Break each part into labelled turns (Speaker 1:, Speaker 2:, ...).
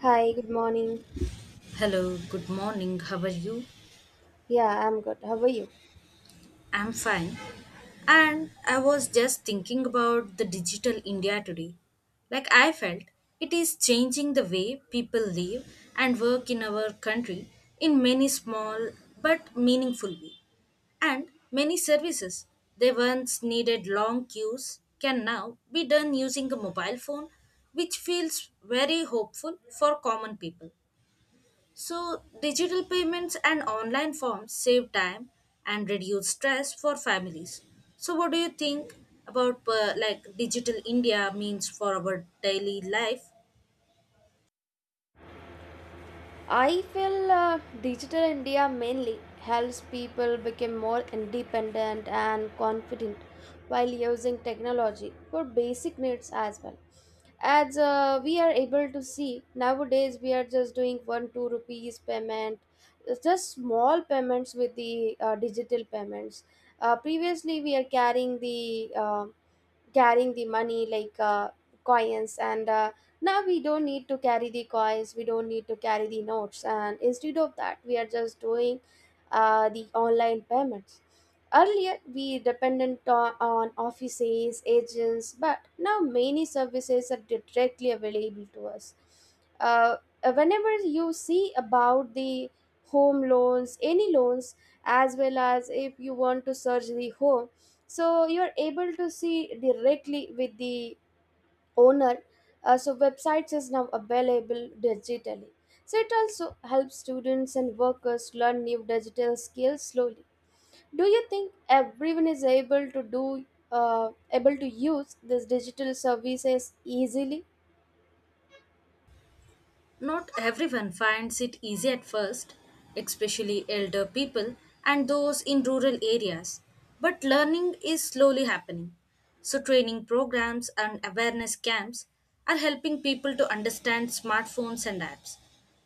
Speaker 1: Hi, good morning.
Speaker 2: Hello, good morning. How are you?
Speaker 1: Yeah, I'm good. How are you?
Speaker 2: I'm fine. And I was just thinking about the digital India today. Like I felt it is changing the way people live and work in our country in many small but meaningful ways. And many services they once needed long queues can now be done using a mobile phone, which feels very hopeful for common people. So, digital payments and online forms save time and reduce stress for families. So, what do you think about like digital India means for our daily life?
Speaker 1: I feel digital India mainly helps people become more independent and confident while using technology for basic needs as well. As we are able to see nowadays, we are just doing 1 2 rupees payment. It's just small payments with the digital payments. Previously, we are carrying the uh, money like coins and now we don't need to carry the coins, we don't need to carry the notes, and instead of that we are just doing the online payments. Earlier we dependent on offices agents, but now many services are directly available to us. uh, Whenever you see about the home loans, any loans, as well as if you want to search the home, so you're able to see directly with the owner. So websites is now available digitally, so it also helps students and workers learn new digital skills slowly. Do you think everyone is able to do, able to use these digital services easily?
Speaker 2: Not everyone finds it easy at first, especially elder people and those in rural areas. But learning is slowly happening. So, training programs and awareness camps are helping people to understand smartphones and apps.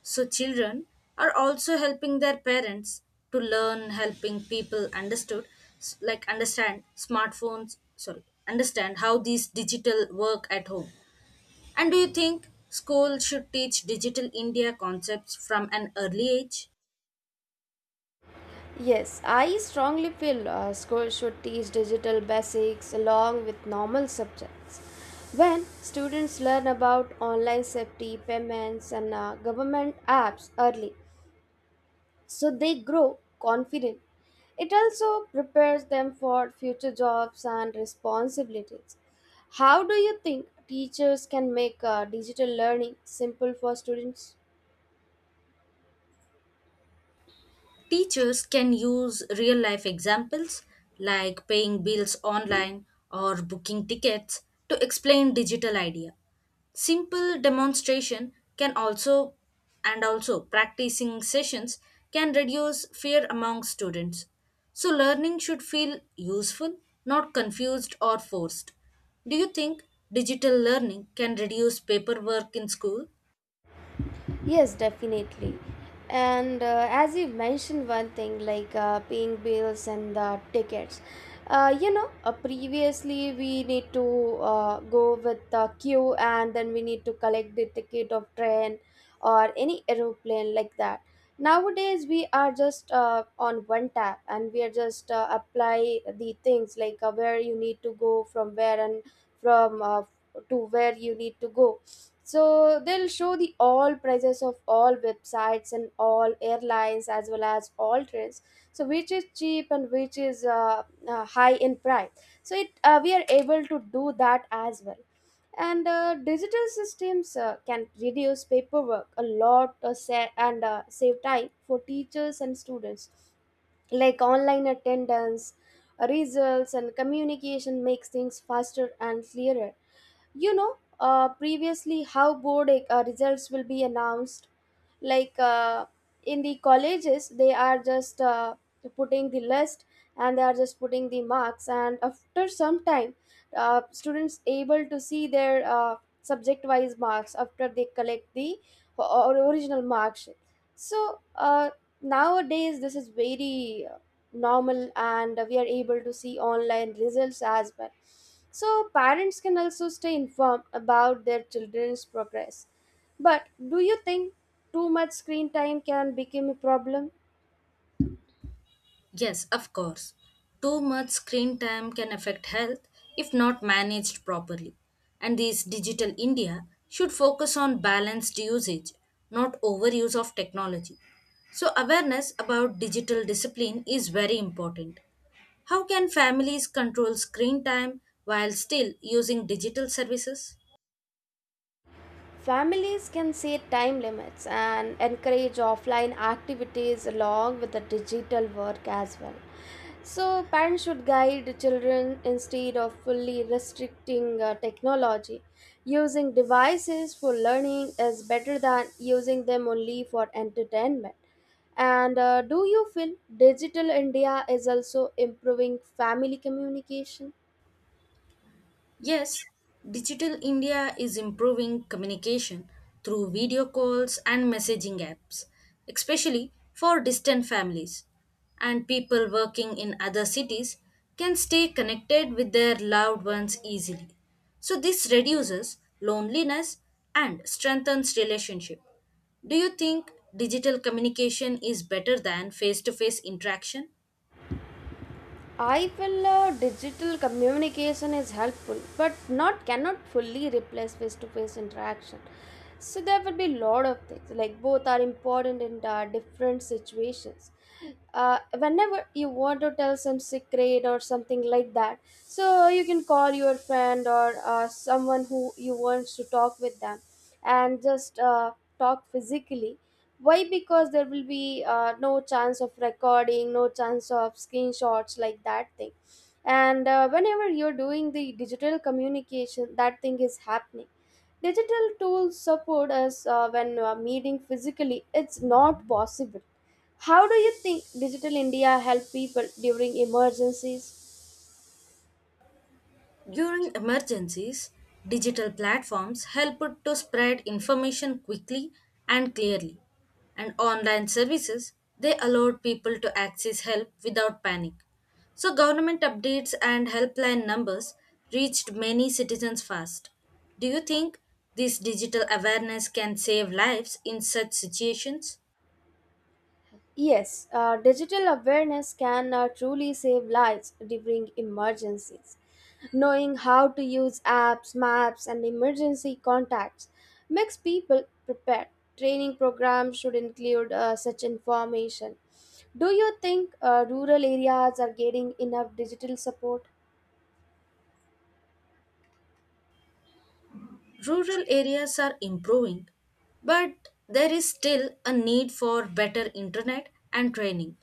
Speaker 2: So, children are also helping their parents to learn helping people understood like understand smartphones, sorry, understand how these digital work at home. And do you think school should teach digital India concepts from an early age?
Speaker 1: Yes, I strongly feel schools should teach digital basics along with normal subjects. When students learn about online safety, payments, and government apps early, so they grow confident. It also prepares them for future jobs and responsibilities. How do you think teachers can make digital learning simple for students?
Speaker 2: Teachers can use real life examples like paying bills online or booking tickets to explain digital idea. Simple demonstration can also and also practicing sessions can reduce fear among students. So learning should feel useful, not confused or forced. Do you think digital learning can reduce paperwork in school?
Speaker 1: Yes, definitely. And as you mentioned, one thing like paying bills and the tickets. Previously we need to go with the queue and then we need to collect the ticket of train or any aeroplane like that. Nowadays we are just on one tap and we are just apply the things like where you need to go from where and from to where you need to go, so they'll show the all prices of all websites and all airlines, as well as all trains, so which is cheap and which is high in price. So it we are able to do that as well. And digital systems can reduce paperwork a lot, sa- and save time for teachers and students, like online attendance, results, and communication makes things faster and clearer. You know, previously how board results will be announced, like in the colleges they are just putting the list, and they are just putting the marks, and after some time students able to see their subject wise marks after they collect the o- original marks. So nowadays this is very normal, and we are able to see online results as well. So parents can also stay informed about their children's progress, but do you think too much screen time can become a problem?
Speaker 2: Yes, of course. Too much screen time can affect health if not managed properly. And this digital India should focus on balanced usage, not overuse of technology. So, awareness about digital discipline is very important. How can families control screen time while still using digital services?
Speaker 1: Families can set time limits and encourage offline activities along with the digital work as well. So, parents should guide children instead of fully restricting technology. Using devices for learning is better than using them only for entertainment. And do you feel digital India is also improving family communication?
Speaker 2: Yes, Digital India is improving communication through video calls and messaging apps, especially for distant families. And people working in other cities can stay connected with their loved ones easily. So, this reduces loneliness and strengthens relationship. Do you think digital communication is better than face to face interaction?
Speaker 1: I feel digital communication is helpful, but not cannot fully replace face-to-face interaction. So there will be lot of things, like both are important in different situations. Whenever you want to tell some secret or something like that, so you can call your friend or someone who you want to talk with them, and just talk physically. Why? Because there will be no chance of recording, no chance of screenshots, like that thing. And whenever you're doing the digital communication, that thing is happening. Digital tools support us when meeting physically it's not possible. How do you think digital india help people during emergencies?
Speaker 2: During emergencies, digital platforms help to spread information quickly and clearly, and online services they allowed people to access help without panic. So government updates and helpline numbers reached many citizens fast. Do you think this digital awareness can save lives in such situations?
Speaker 1: Yes, digital awareness can truly save lives during emergencies. Knowing how to use apps, maps, and emergency contacts makes people prepared. Training programs should include such information. Do you think rural areas are getting enough digital support?
Speaker 2: Rural areas are improving, but there is still a need for better internet and training.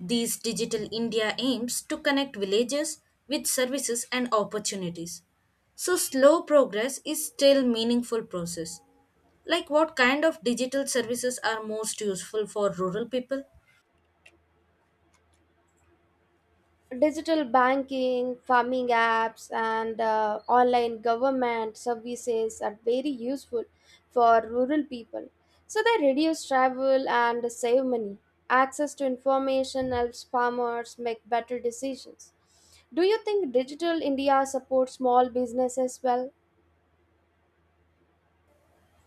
Speaker 2: These digital India aims to connect villages with services and opportunities. So slow progress is still meaningful process. Like what kind of digital services are most useful for rural people?
Speaker 1: Digital banking, farming apps, and online government services are very useful for rural people. So they reduce travel and save money. Access to information helps farmers make better decisions. Do you think Digital India supports small businesses well?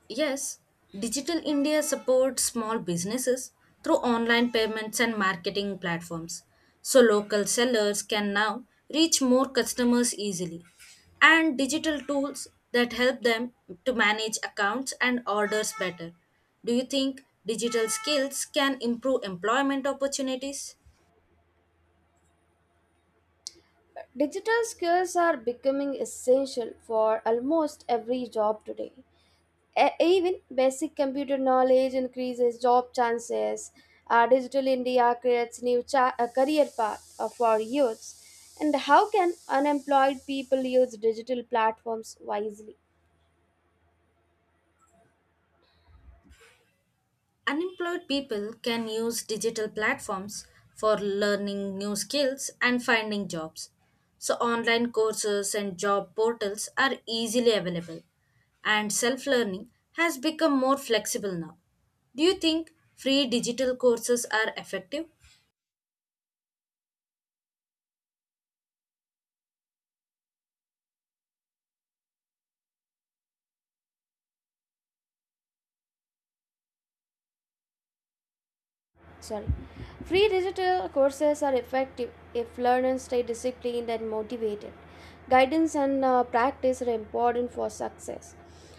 Speaker 2: Yes, Digital India supports small businesses through online payments and marketing platforms. So local sellers can now reach more customers easily. And digital tools that help them to manage accounts and orders better. Do you think digital skills can improve employment opportunities?
Speaker 1: Digital skills are becoming essential for almost every job today. Even basic computer knowledge increases job chances. Digital India creates new career path for youths. And how can unemployed people use digital platforms wisely?
Speaker 2: Unemployed people can use digital platforms for learning new skills and finding jobs. So, online courses and job portals are easily available, and self learning has become more flexible now. Do you think free digital courses are effective?
Speaker 1: Sorry. Free digital courses are effective if learners stay disciplined and motivated. Guidance and practice are important for success.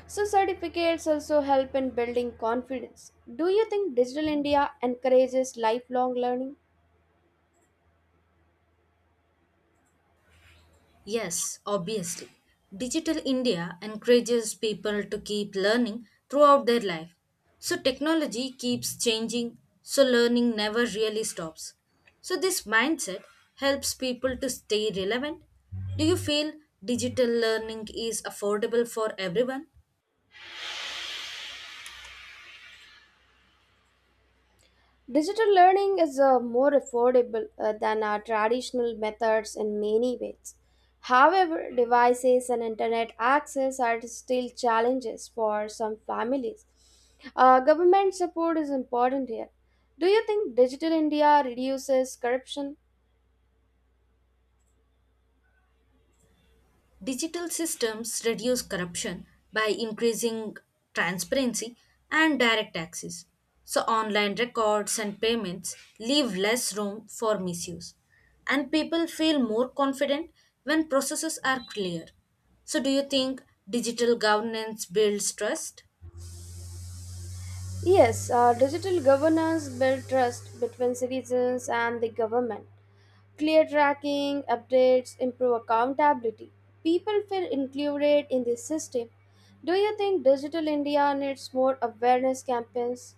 Speaker 1: So, certificates also help in building confidence. Do you think Digital India encourages lifelong learning?
Speaker 2: Yes, obviously. Digital India encourages people to keep learning throughout their life. So technology keeps changing, so learning never really stops. So this mindset helps people to stay relevant. Do you feel digital learning is affordable for everyone?
Speaker 1: Digital learning is more affordable than our traditional methods in many ways. However, devices and internet access are still challenges for some families. Government support is important here. Do you think Digital India reduces corruption?
Speaker 2: Digital systems reduce corruption by increasing transparency and direct access. So, online records and payments leave less room for misuse. And people feel more confident when processes are clear. So, do you think digital governance builds trust?
Speaker 1: Yes, digital governance builds trust between citizens and the government. Clear tracking, updates, improve accountability. People feel included in the system. Do you think Digital India needs more awareness campaigns?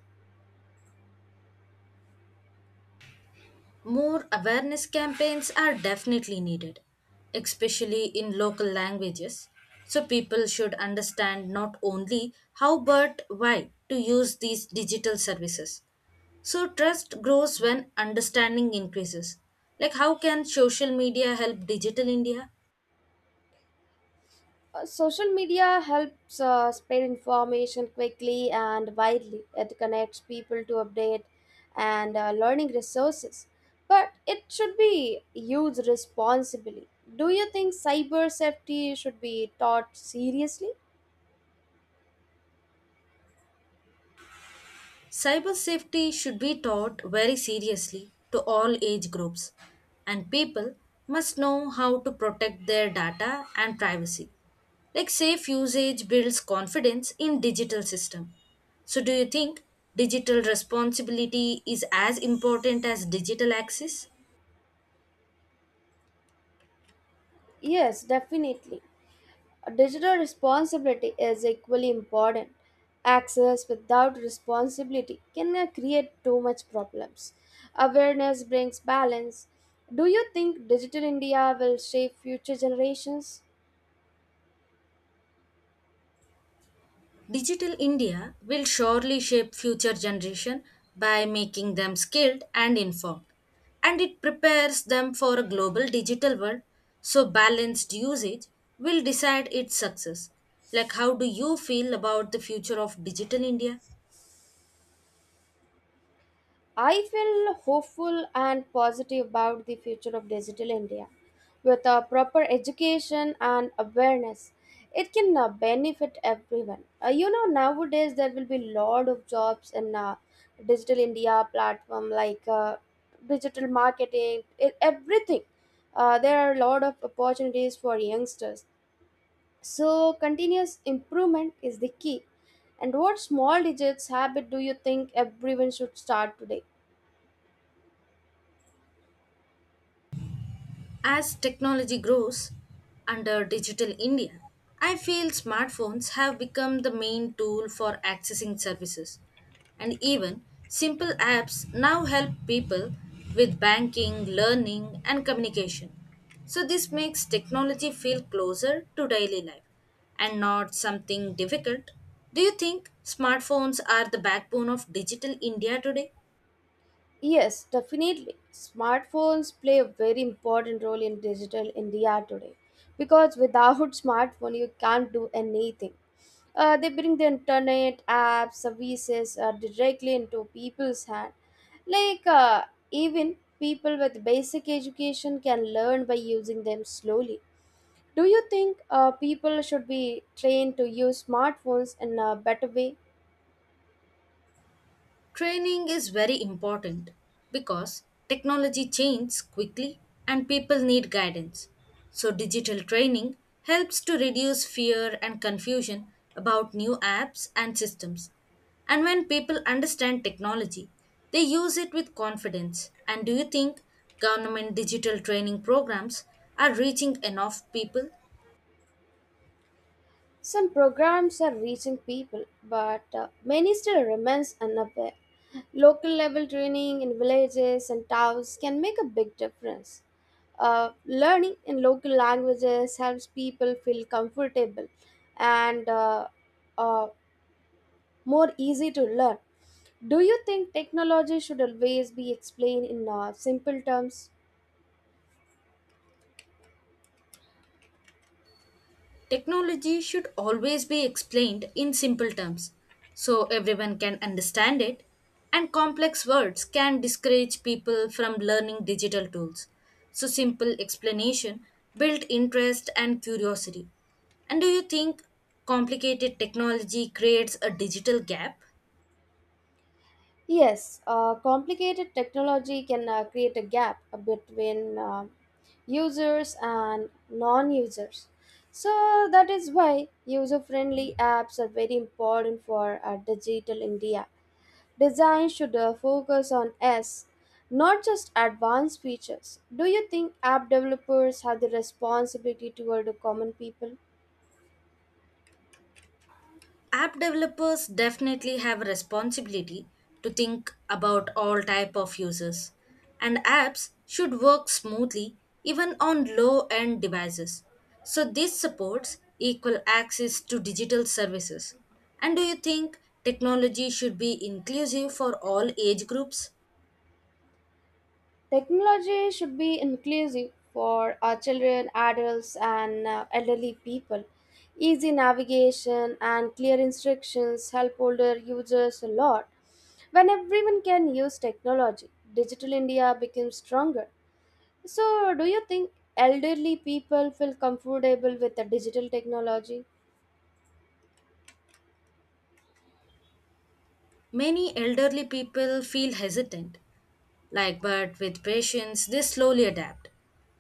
Speaker 2: More awareness campaigns are definitely needed, especially in local languages. So people should understand not only how but why to use these digital services. So trust grows when understanding increases. Like how can social media help digital India?
Speaker 1: Social media helps spread information quickly and widely. It connects people to update and learning resources. But it should be used responsibly. Do you think cyber safety should be taught seriously?
Speaker 2: Cyber safety should be taught very seriously to all age groups, and people must know how to protect their data and privacy. Like safe usage builds confidence in digital system. So do you think digital responsibility is as important as digital access?
Speaker 1: Yes, definitely. Digital responsibility is equally important. Access without responsibility can create too much problems. Awareness brings balance. Do you think Digital India will shape future generations?
Speaker 2: Digital India will surely shape future generation by making them skilled and informed, and it prepares them for a global digital world. So balanced usage will decide its success. Like how do you feel about the future of digital India?
Speaker 1: I feel hopeful and positive about the future of digital India. With a proper education and awareness, it can benefit everyone. You know, nowadays there will be lot of jobs in digital India platform, like digital marketing, everything. There are a lot of opportunities for youngsters. So, continuous improvement is the key. And what small digits habit do you think everyone should start today?
Speaker 2: As technology grows under Digital India, I feel smartphones have become the main tool for accessing services. And even simple apps now help people with banking, learning, and communication. So, this makes technology feel closer to daily life and not something difficult. Do you think smartphones are the backbone of Digital India today?
Speaker 1: Yes, definitely. Smartphones play a very important role in digital India today, because without smartphone you can't do anything. They bring the internet, apps, services directly into people's hand. Like even people with basic education can learn by using them slowly. Do you think people should be trained to use smartphones in a better way?
Speaker 2: Training is very important because technology changes quickly and people need guidance. So, digital training helps to reduce fear and confusion about new apps and systems. And when people understand technology, they use it with confidence. And do you think government digital training programs are reaching enough people?
Speaker 1: Some programs are reaching people, but many still remains unaware. Local level training in villages and towns can make a big difference. Learning in local languages helps people feel comfortable and uh, more easy to learn. Do you think technology should always be explained in simple terms?
Speaker 2: Technology should always be explained in simple terms so everyone can understand it, and complex words can discourage people from learning digital tools. So, simple explanation built interest and curiosity. And do you think complicated technology creates a digital gap?
Speaker 1: Yes, complicated technology can create a gap between users and non users. So, that is why user friendly apps are very important for digital India. Design should focus on S, not just advanced features. Do you think app developers have the responsibility toward the common people?
Speaker 2: App developers definitely have a responsibility to think about all type of users, and apps should work smoothly even on low end devices. So this supports equal access to digital services. And do you think technology should be inclusive for all age groups?
Speaker 1: Technology should be inclusive for our children, adults, and elderly people. Easy navigation and clear instructions help older users a lot. When everyone can use technology, digital India becomes stronger. So, do you think elderly people feel comfortable with the digital technology?
Speaker 2: Many elderly people feel hesitant, like but with patience they slowly adapt.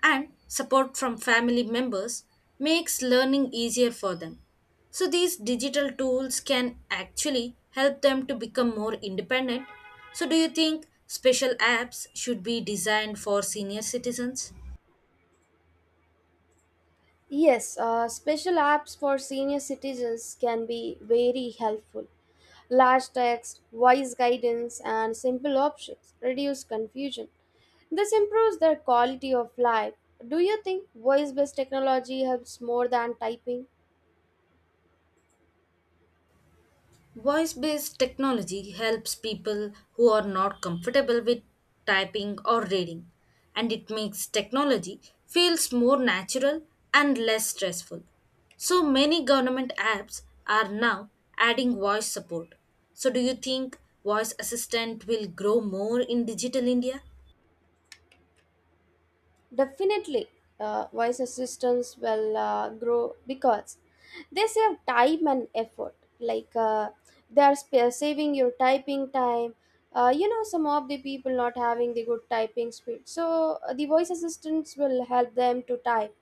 Speaker 2: And support from family members makes learning easier for them. So these digital tools can actually help them to become more independent. So do you think special apps should be designed for senior citizens?
Speaker 1: Yes, special apps for senior citizens can be very helpful. Large text, wise guidance, and simple options reduce confusion. This improves their quality of life. Do you think voice based technology helps more than typing?
Speaker 2: Voice based technology helps people who are not comfortable with typing or reading, and it makes technology feels more natural and less stressful. So many government apps are now adding voice support. So do you think voice assistant will grow more in digital India?
Speaker 1: Definitely, voice assistants will grow because they save time and effort. Like they are saving your typing time. You know, some of the people not having the good typing speed. So, the voice assistants will help them to type,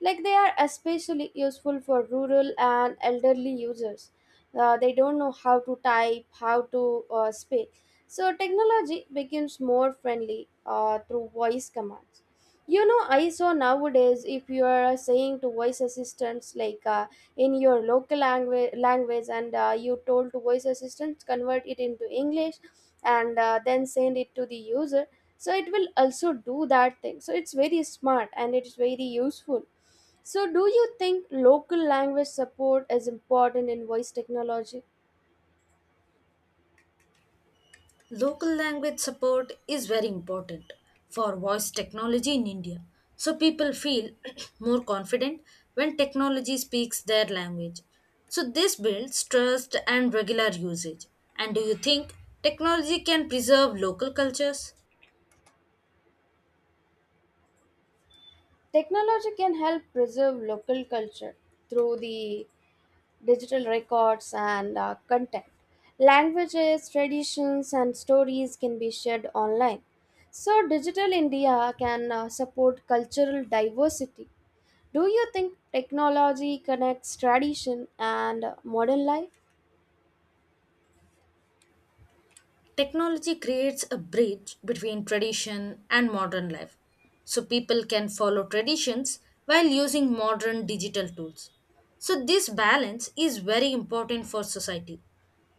Speaker 1: like they are especially useful for rural and elderly users. They don't know how to type, how to speak. So technology becomes more friendly through voice commands. You know, I saw nowadays if you are saying to voice assistants, like in your local language, and you told to voice assistants convert it into english and then send it to the user, so it will also do that thing. So it's very smart and it's very useful. So, do you think local language support is important in voice technology?
Speaker 2: Local language support is very important for voice technology in India. So people feel more confident when technology speaks their language. So this builds trust and regular usage. And do you think technology can preserve local cultures?
Speaker 1: Technology can help preserve local culture through the digital records and content. Languages, traditions, and stories can be shared online. So, Digital India can support cultural diversity. Do you think technology connects tradition and modern life?
Speaker 2: Technology creates a bridge between tradition and modern life, so people can follow traditions while using modern digital tools. So, this balance is very important for society.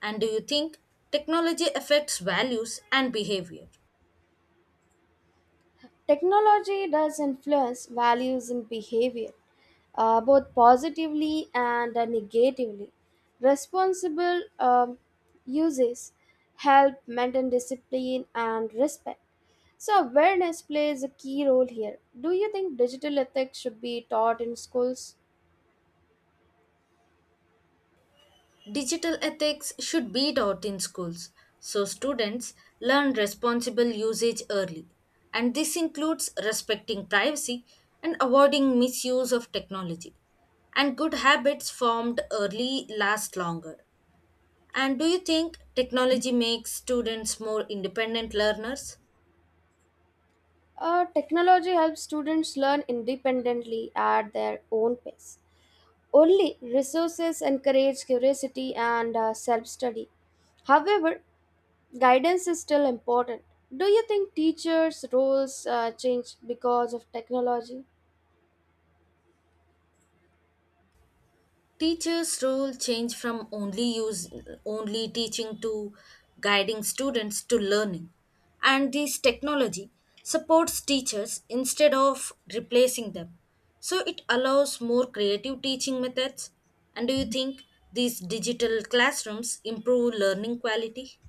Speaker 2: And do you think technology affects values and behavior?
Speaker 1: Technology does influence values and behavior both positively and negatively. Responsible uses help maintain discipline and respect. So, awareness plays a key role here. Do you think digital ethics should be taught in schools?
Speaker 2: Digital ethics should be taught in schools so students learn responsible usage early. And this includes respecting privacy and avoiding misuse of technology. And good habits formed early last longer. And do you think technology makes students more independent learners?
Speaker 1: Technology helps students learn independently at their own pace. Only resources encourage curiosity and self study. However, guidance is still important. Do you think teachers' roles change because of technology?
Speaker 2: Teachers' role changed from only use only teaching to guiding students to learning. And this technology supports teachers instead of replacing them. So it allows more creative teaching methods. And do you think these digital classrooms improve learning quality?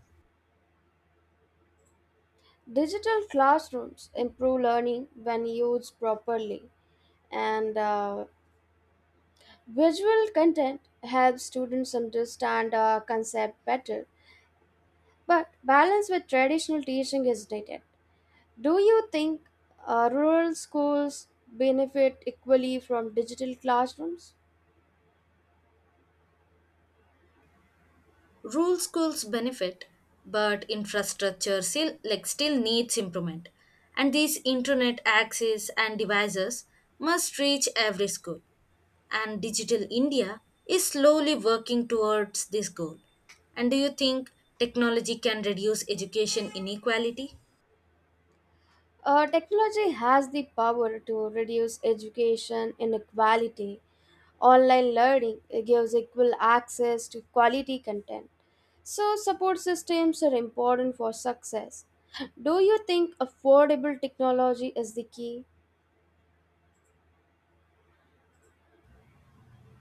Speaker 1: Digital classrooms improve learning when used properly, and visual content helps students understand a concept better. But balance with traditional teaching is needed. Do you think rural schools benefit equally from digital classrooms?
Speaker 2: Rural schools benefit, but infrastructure still like still needs improvement. And these internet access and devices must reach every school. And Digital India is slowly working towards this goal. And do you think technology can reduce education inequality?
Speaker 1: Technology has the power to reduce education inequality. Online learning gives equal access to quality content. So, support systems are important for success. Do you think affordable technology is the key?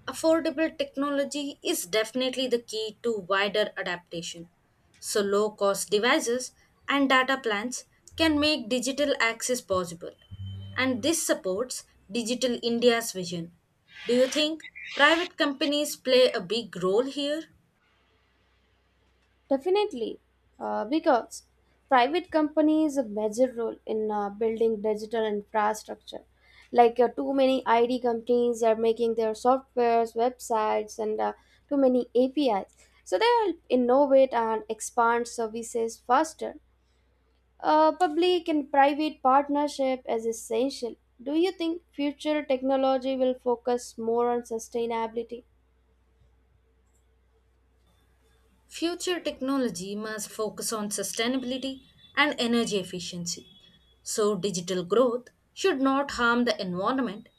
Speaker 2: Affordable technology is definitely the key to wider adaptation. So, low cost devices and data plans can make digital access possible, and this supports Digital India's vision. Do you think private companies play a big role here?
Speaker 1: Definitely, because private companies have major role in building digital infrastructure. Like too many ID companies are making their softwares, websites, and too many APIs. So they help innovate and expand services faster. Public and private partnership is essential. Do you think future technology will focus more on sustainability?
Speaker 2: Future technology must focus on sustainability and energy efficiency. So, digital growth should not harm the environment,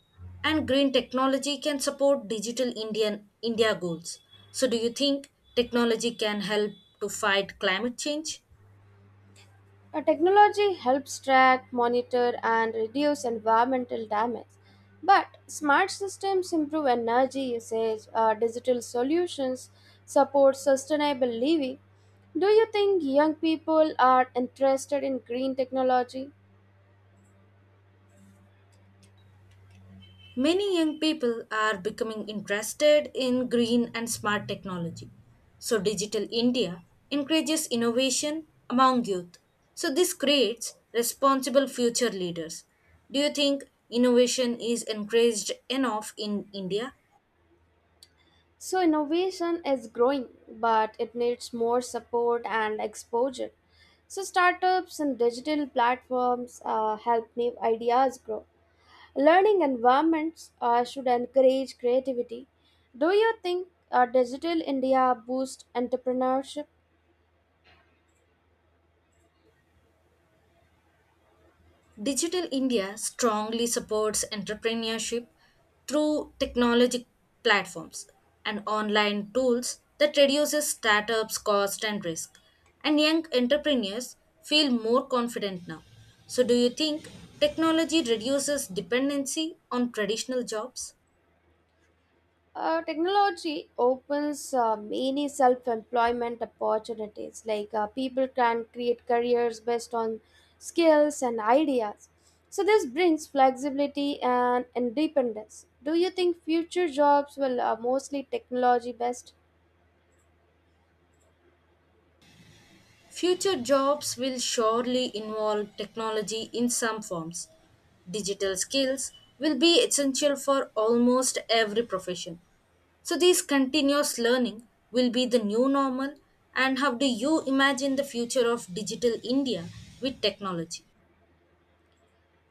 Speaker 2: and green technology can support digital Indian India goals. So, do you think technology can help to fight climate change?
Speaker 1: Technology helps track, monitor, and reduce environmental damage. But smart systems improve energy usage, digital solutions support sustainable living. Do you think young people are interested in green technology?
Speaker 2: Many young people are becoming interested in green and smart technology. So, Digital India encourages innovation among youth. So, this creates responsible future leaders. Do you think innovation is encouraged enough in India?
Speaker 1: So, innovation is growing, but it needs more support and exposure. So, startups and digital platforms help new ideas grow. Learning environments should encourage creativity. Do you think Digital India boosts entrepreneurship?
Speaker 2: Digital India strongly supports entrepreneurship through technology platforms and online tools that reduces startups cost and risk, and young entrepreneurs feel more confident now. So do you think technology reduces dependency on traditional jobs?
Speaker 1: Technology opens many self employment opportunities, like people can create careers based on skills and ideas. So, this brings flexibility and independence. Do you think future jobs will mostly technology based?
Speaker 2: Future jobs will surely involve technology in some forms. Digital skills will be essential for almost every profession. So, this continuous learning will be the new normal. And how do you imagine the future of digital India with technology?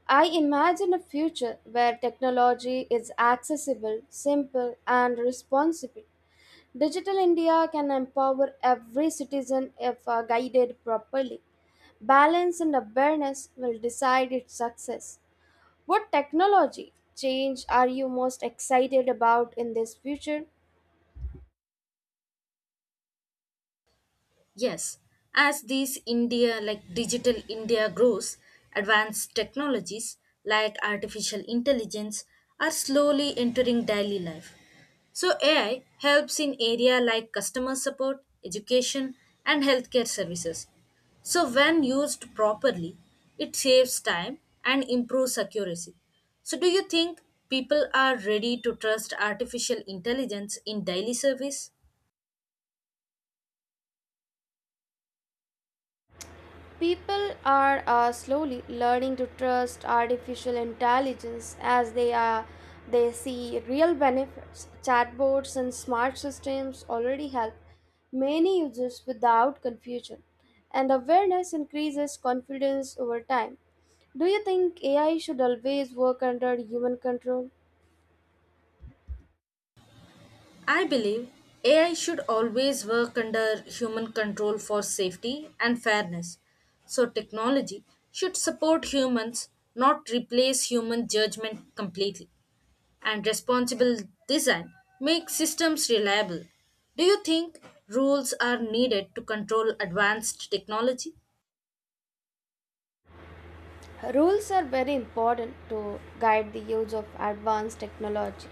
Speaker 1: I imagine a future where technology is accessible, simple, and responsible. Digital India can empower every citizen if guided properly. Balance and awareness will decide its success. What technology change are you most excited about in this future?
Speaker 2: Yes, as these India like digital India grows, advanced technologies like artificial intelligence are slowly entering daily life. So AI helps in area like customer support, education and healthcare services. So when used properly, it saves time and improves accuracy. So do you think people are ready to trust artificial intelligence in daily service?
Speaker 1: People are slowly learning to trust artificial intelligence as they see real benefits. Chatbots and smart systems already help many users without confusion, and awareness increases confidence over time. Do you think AI should always work under human control?
Speaker 2: I believe AI should always work under human control for safety and fairness. So, technology should support humans, not replace human judgment completely. And responsible design makes systems reliable. Do you think rules are needed to control advanced technology?
Speaker 1: Rules are very important to guide the use of advanced technology.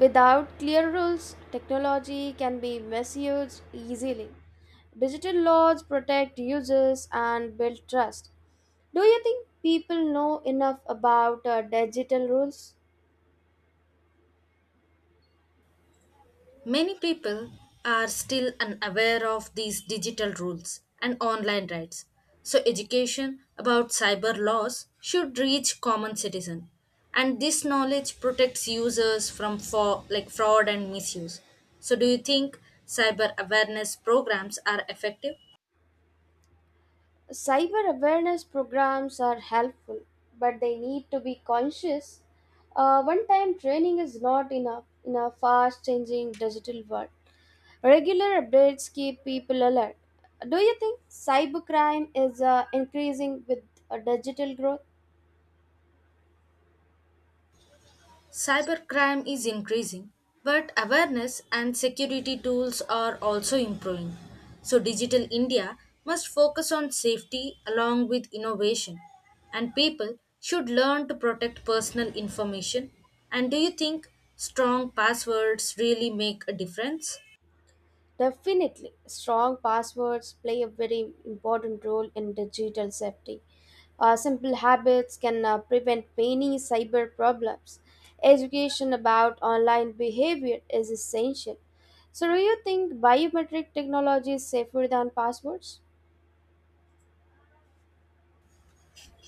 Speaker 1: Without clear rules, technology can be misused easily. Digital laws protect users and build trust. Do you think people know enough about digital rules?
Speaker 2: Many people are still unaware of these digital rules and online rights. So education about cyber laws should reach common citizen, and this knowledge protects users from for, like fraud and misuse. So do you think cyber awareness programs are effective?
Speaker 1: Cyber awareness programs are helpful, but they need to be conscious. One time training is not enough in a fast changing digital world. Regular updates keep people alert. Do you think cybercrime is increasing with digital growth?
Speaker 2: Cybercrime is increasing, but awareness and security tools are also improving. So, Digital India must focus on safety along with innovation, and people should learn to protect personal information. And do you think strong passwords really make a difference?
Speaker 1: Definitely, strong passwords play a very important role in digital safety. Simple habits can prevent many cyber problems. Education about online behavior is essential. So, do you think biometric technology is safer than passwords?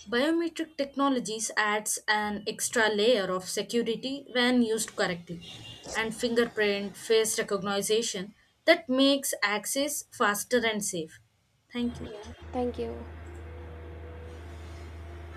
Speaker 2: Biometric technologies adds an extra layer of security when used correctly and fingerprint face recognition that makes access faster and safe. Thank you.
Speaker 1: Thank you.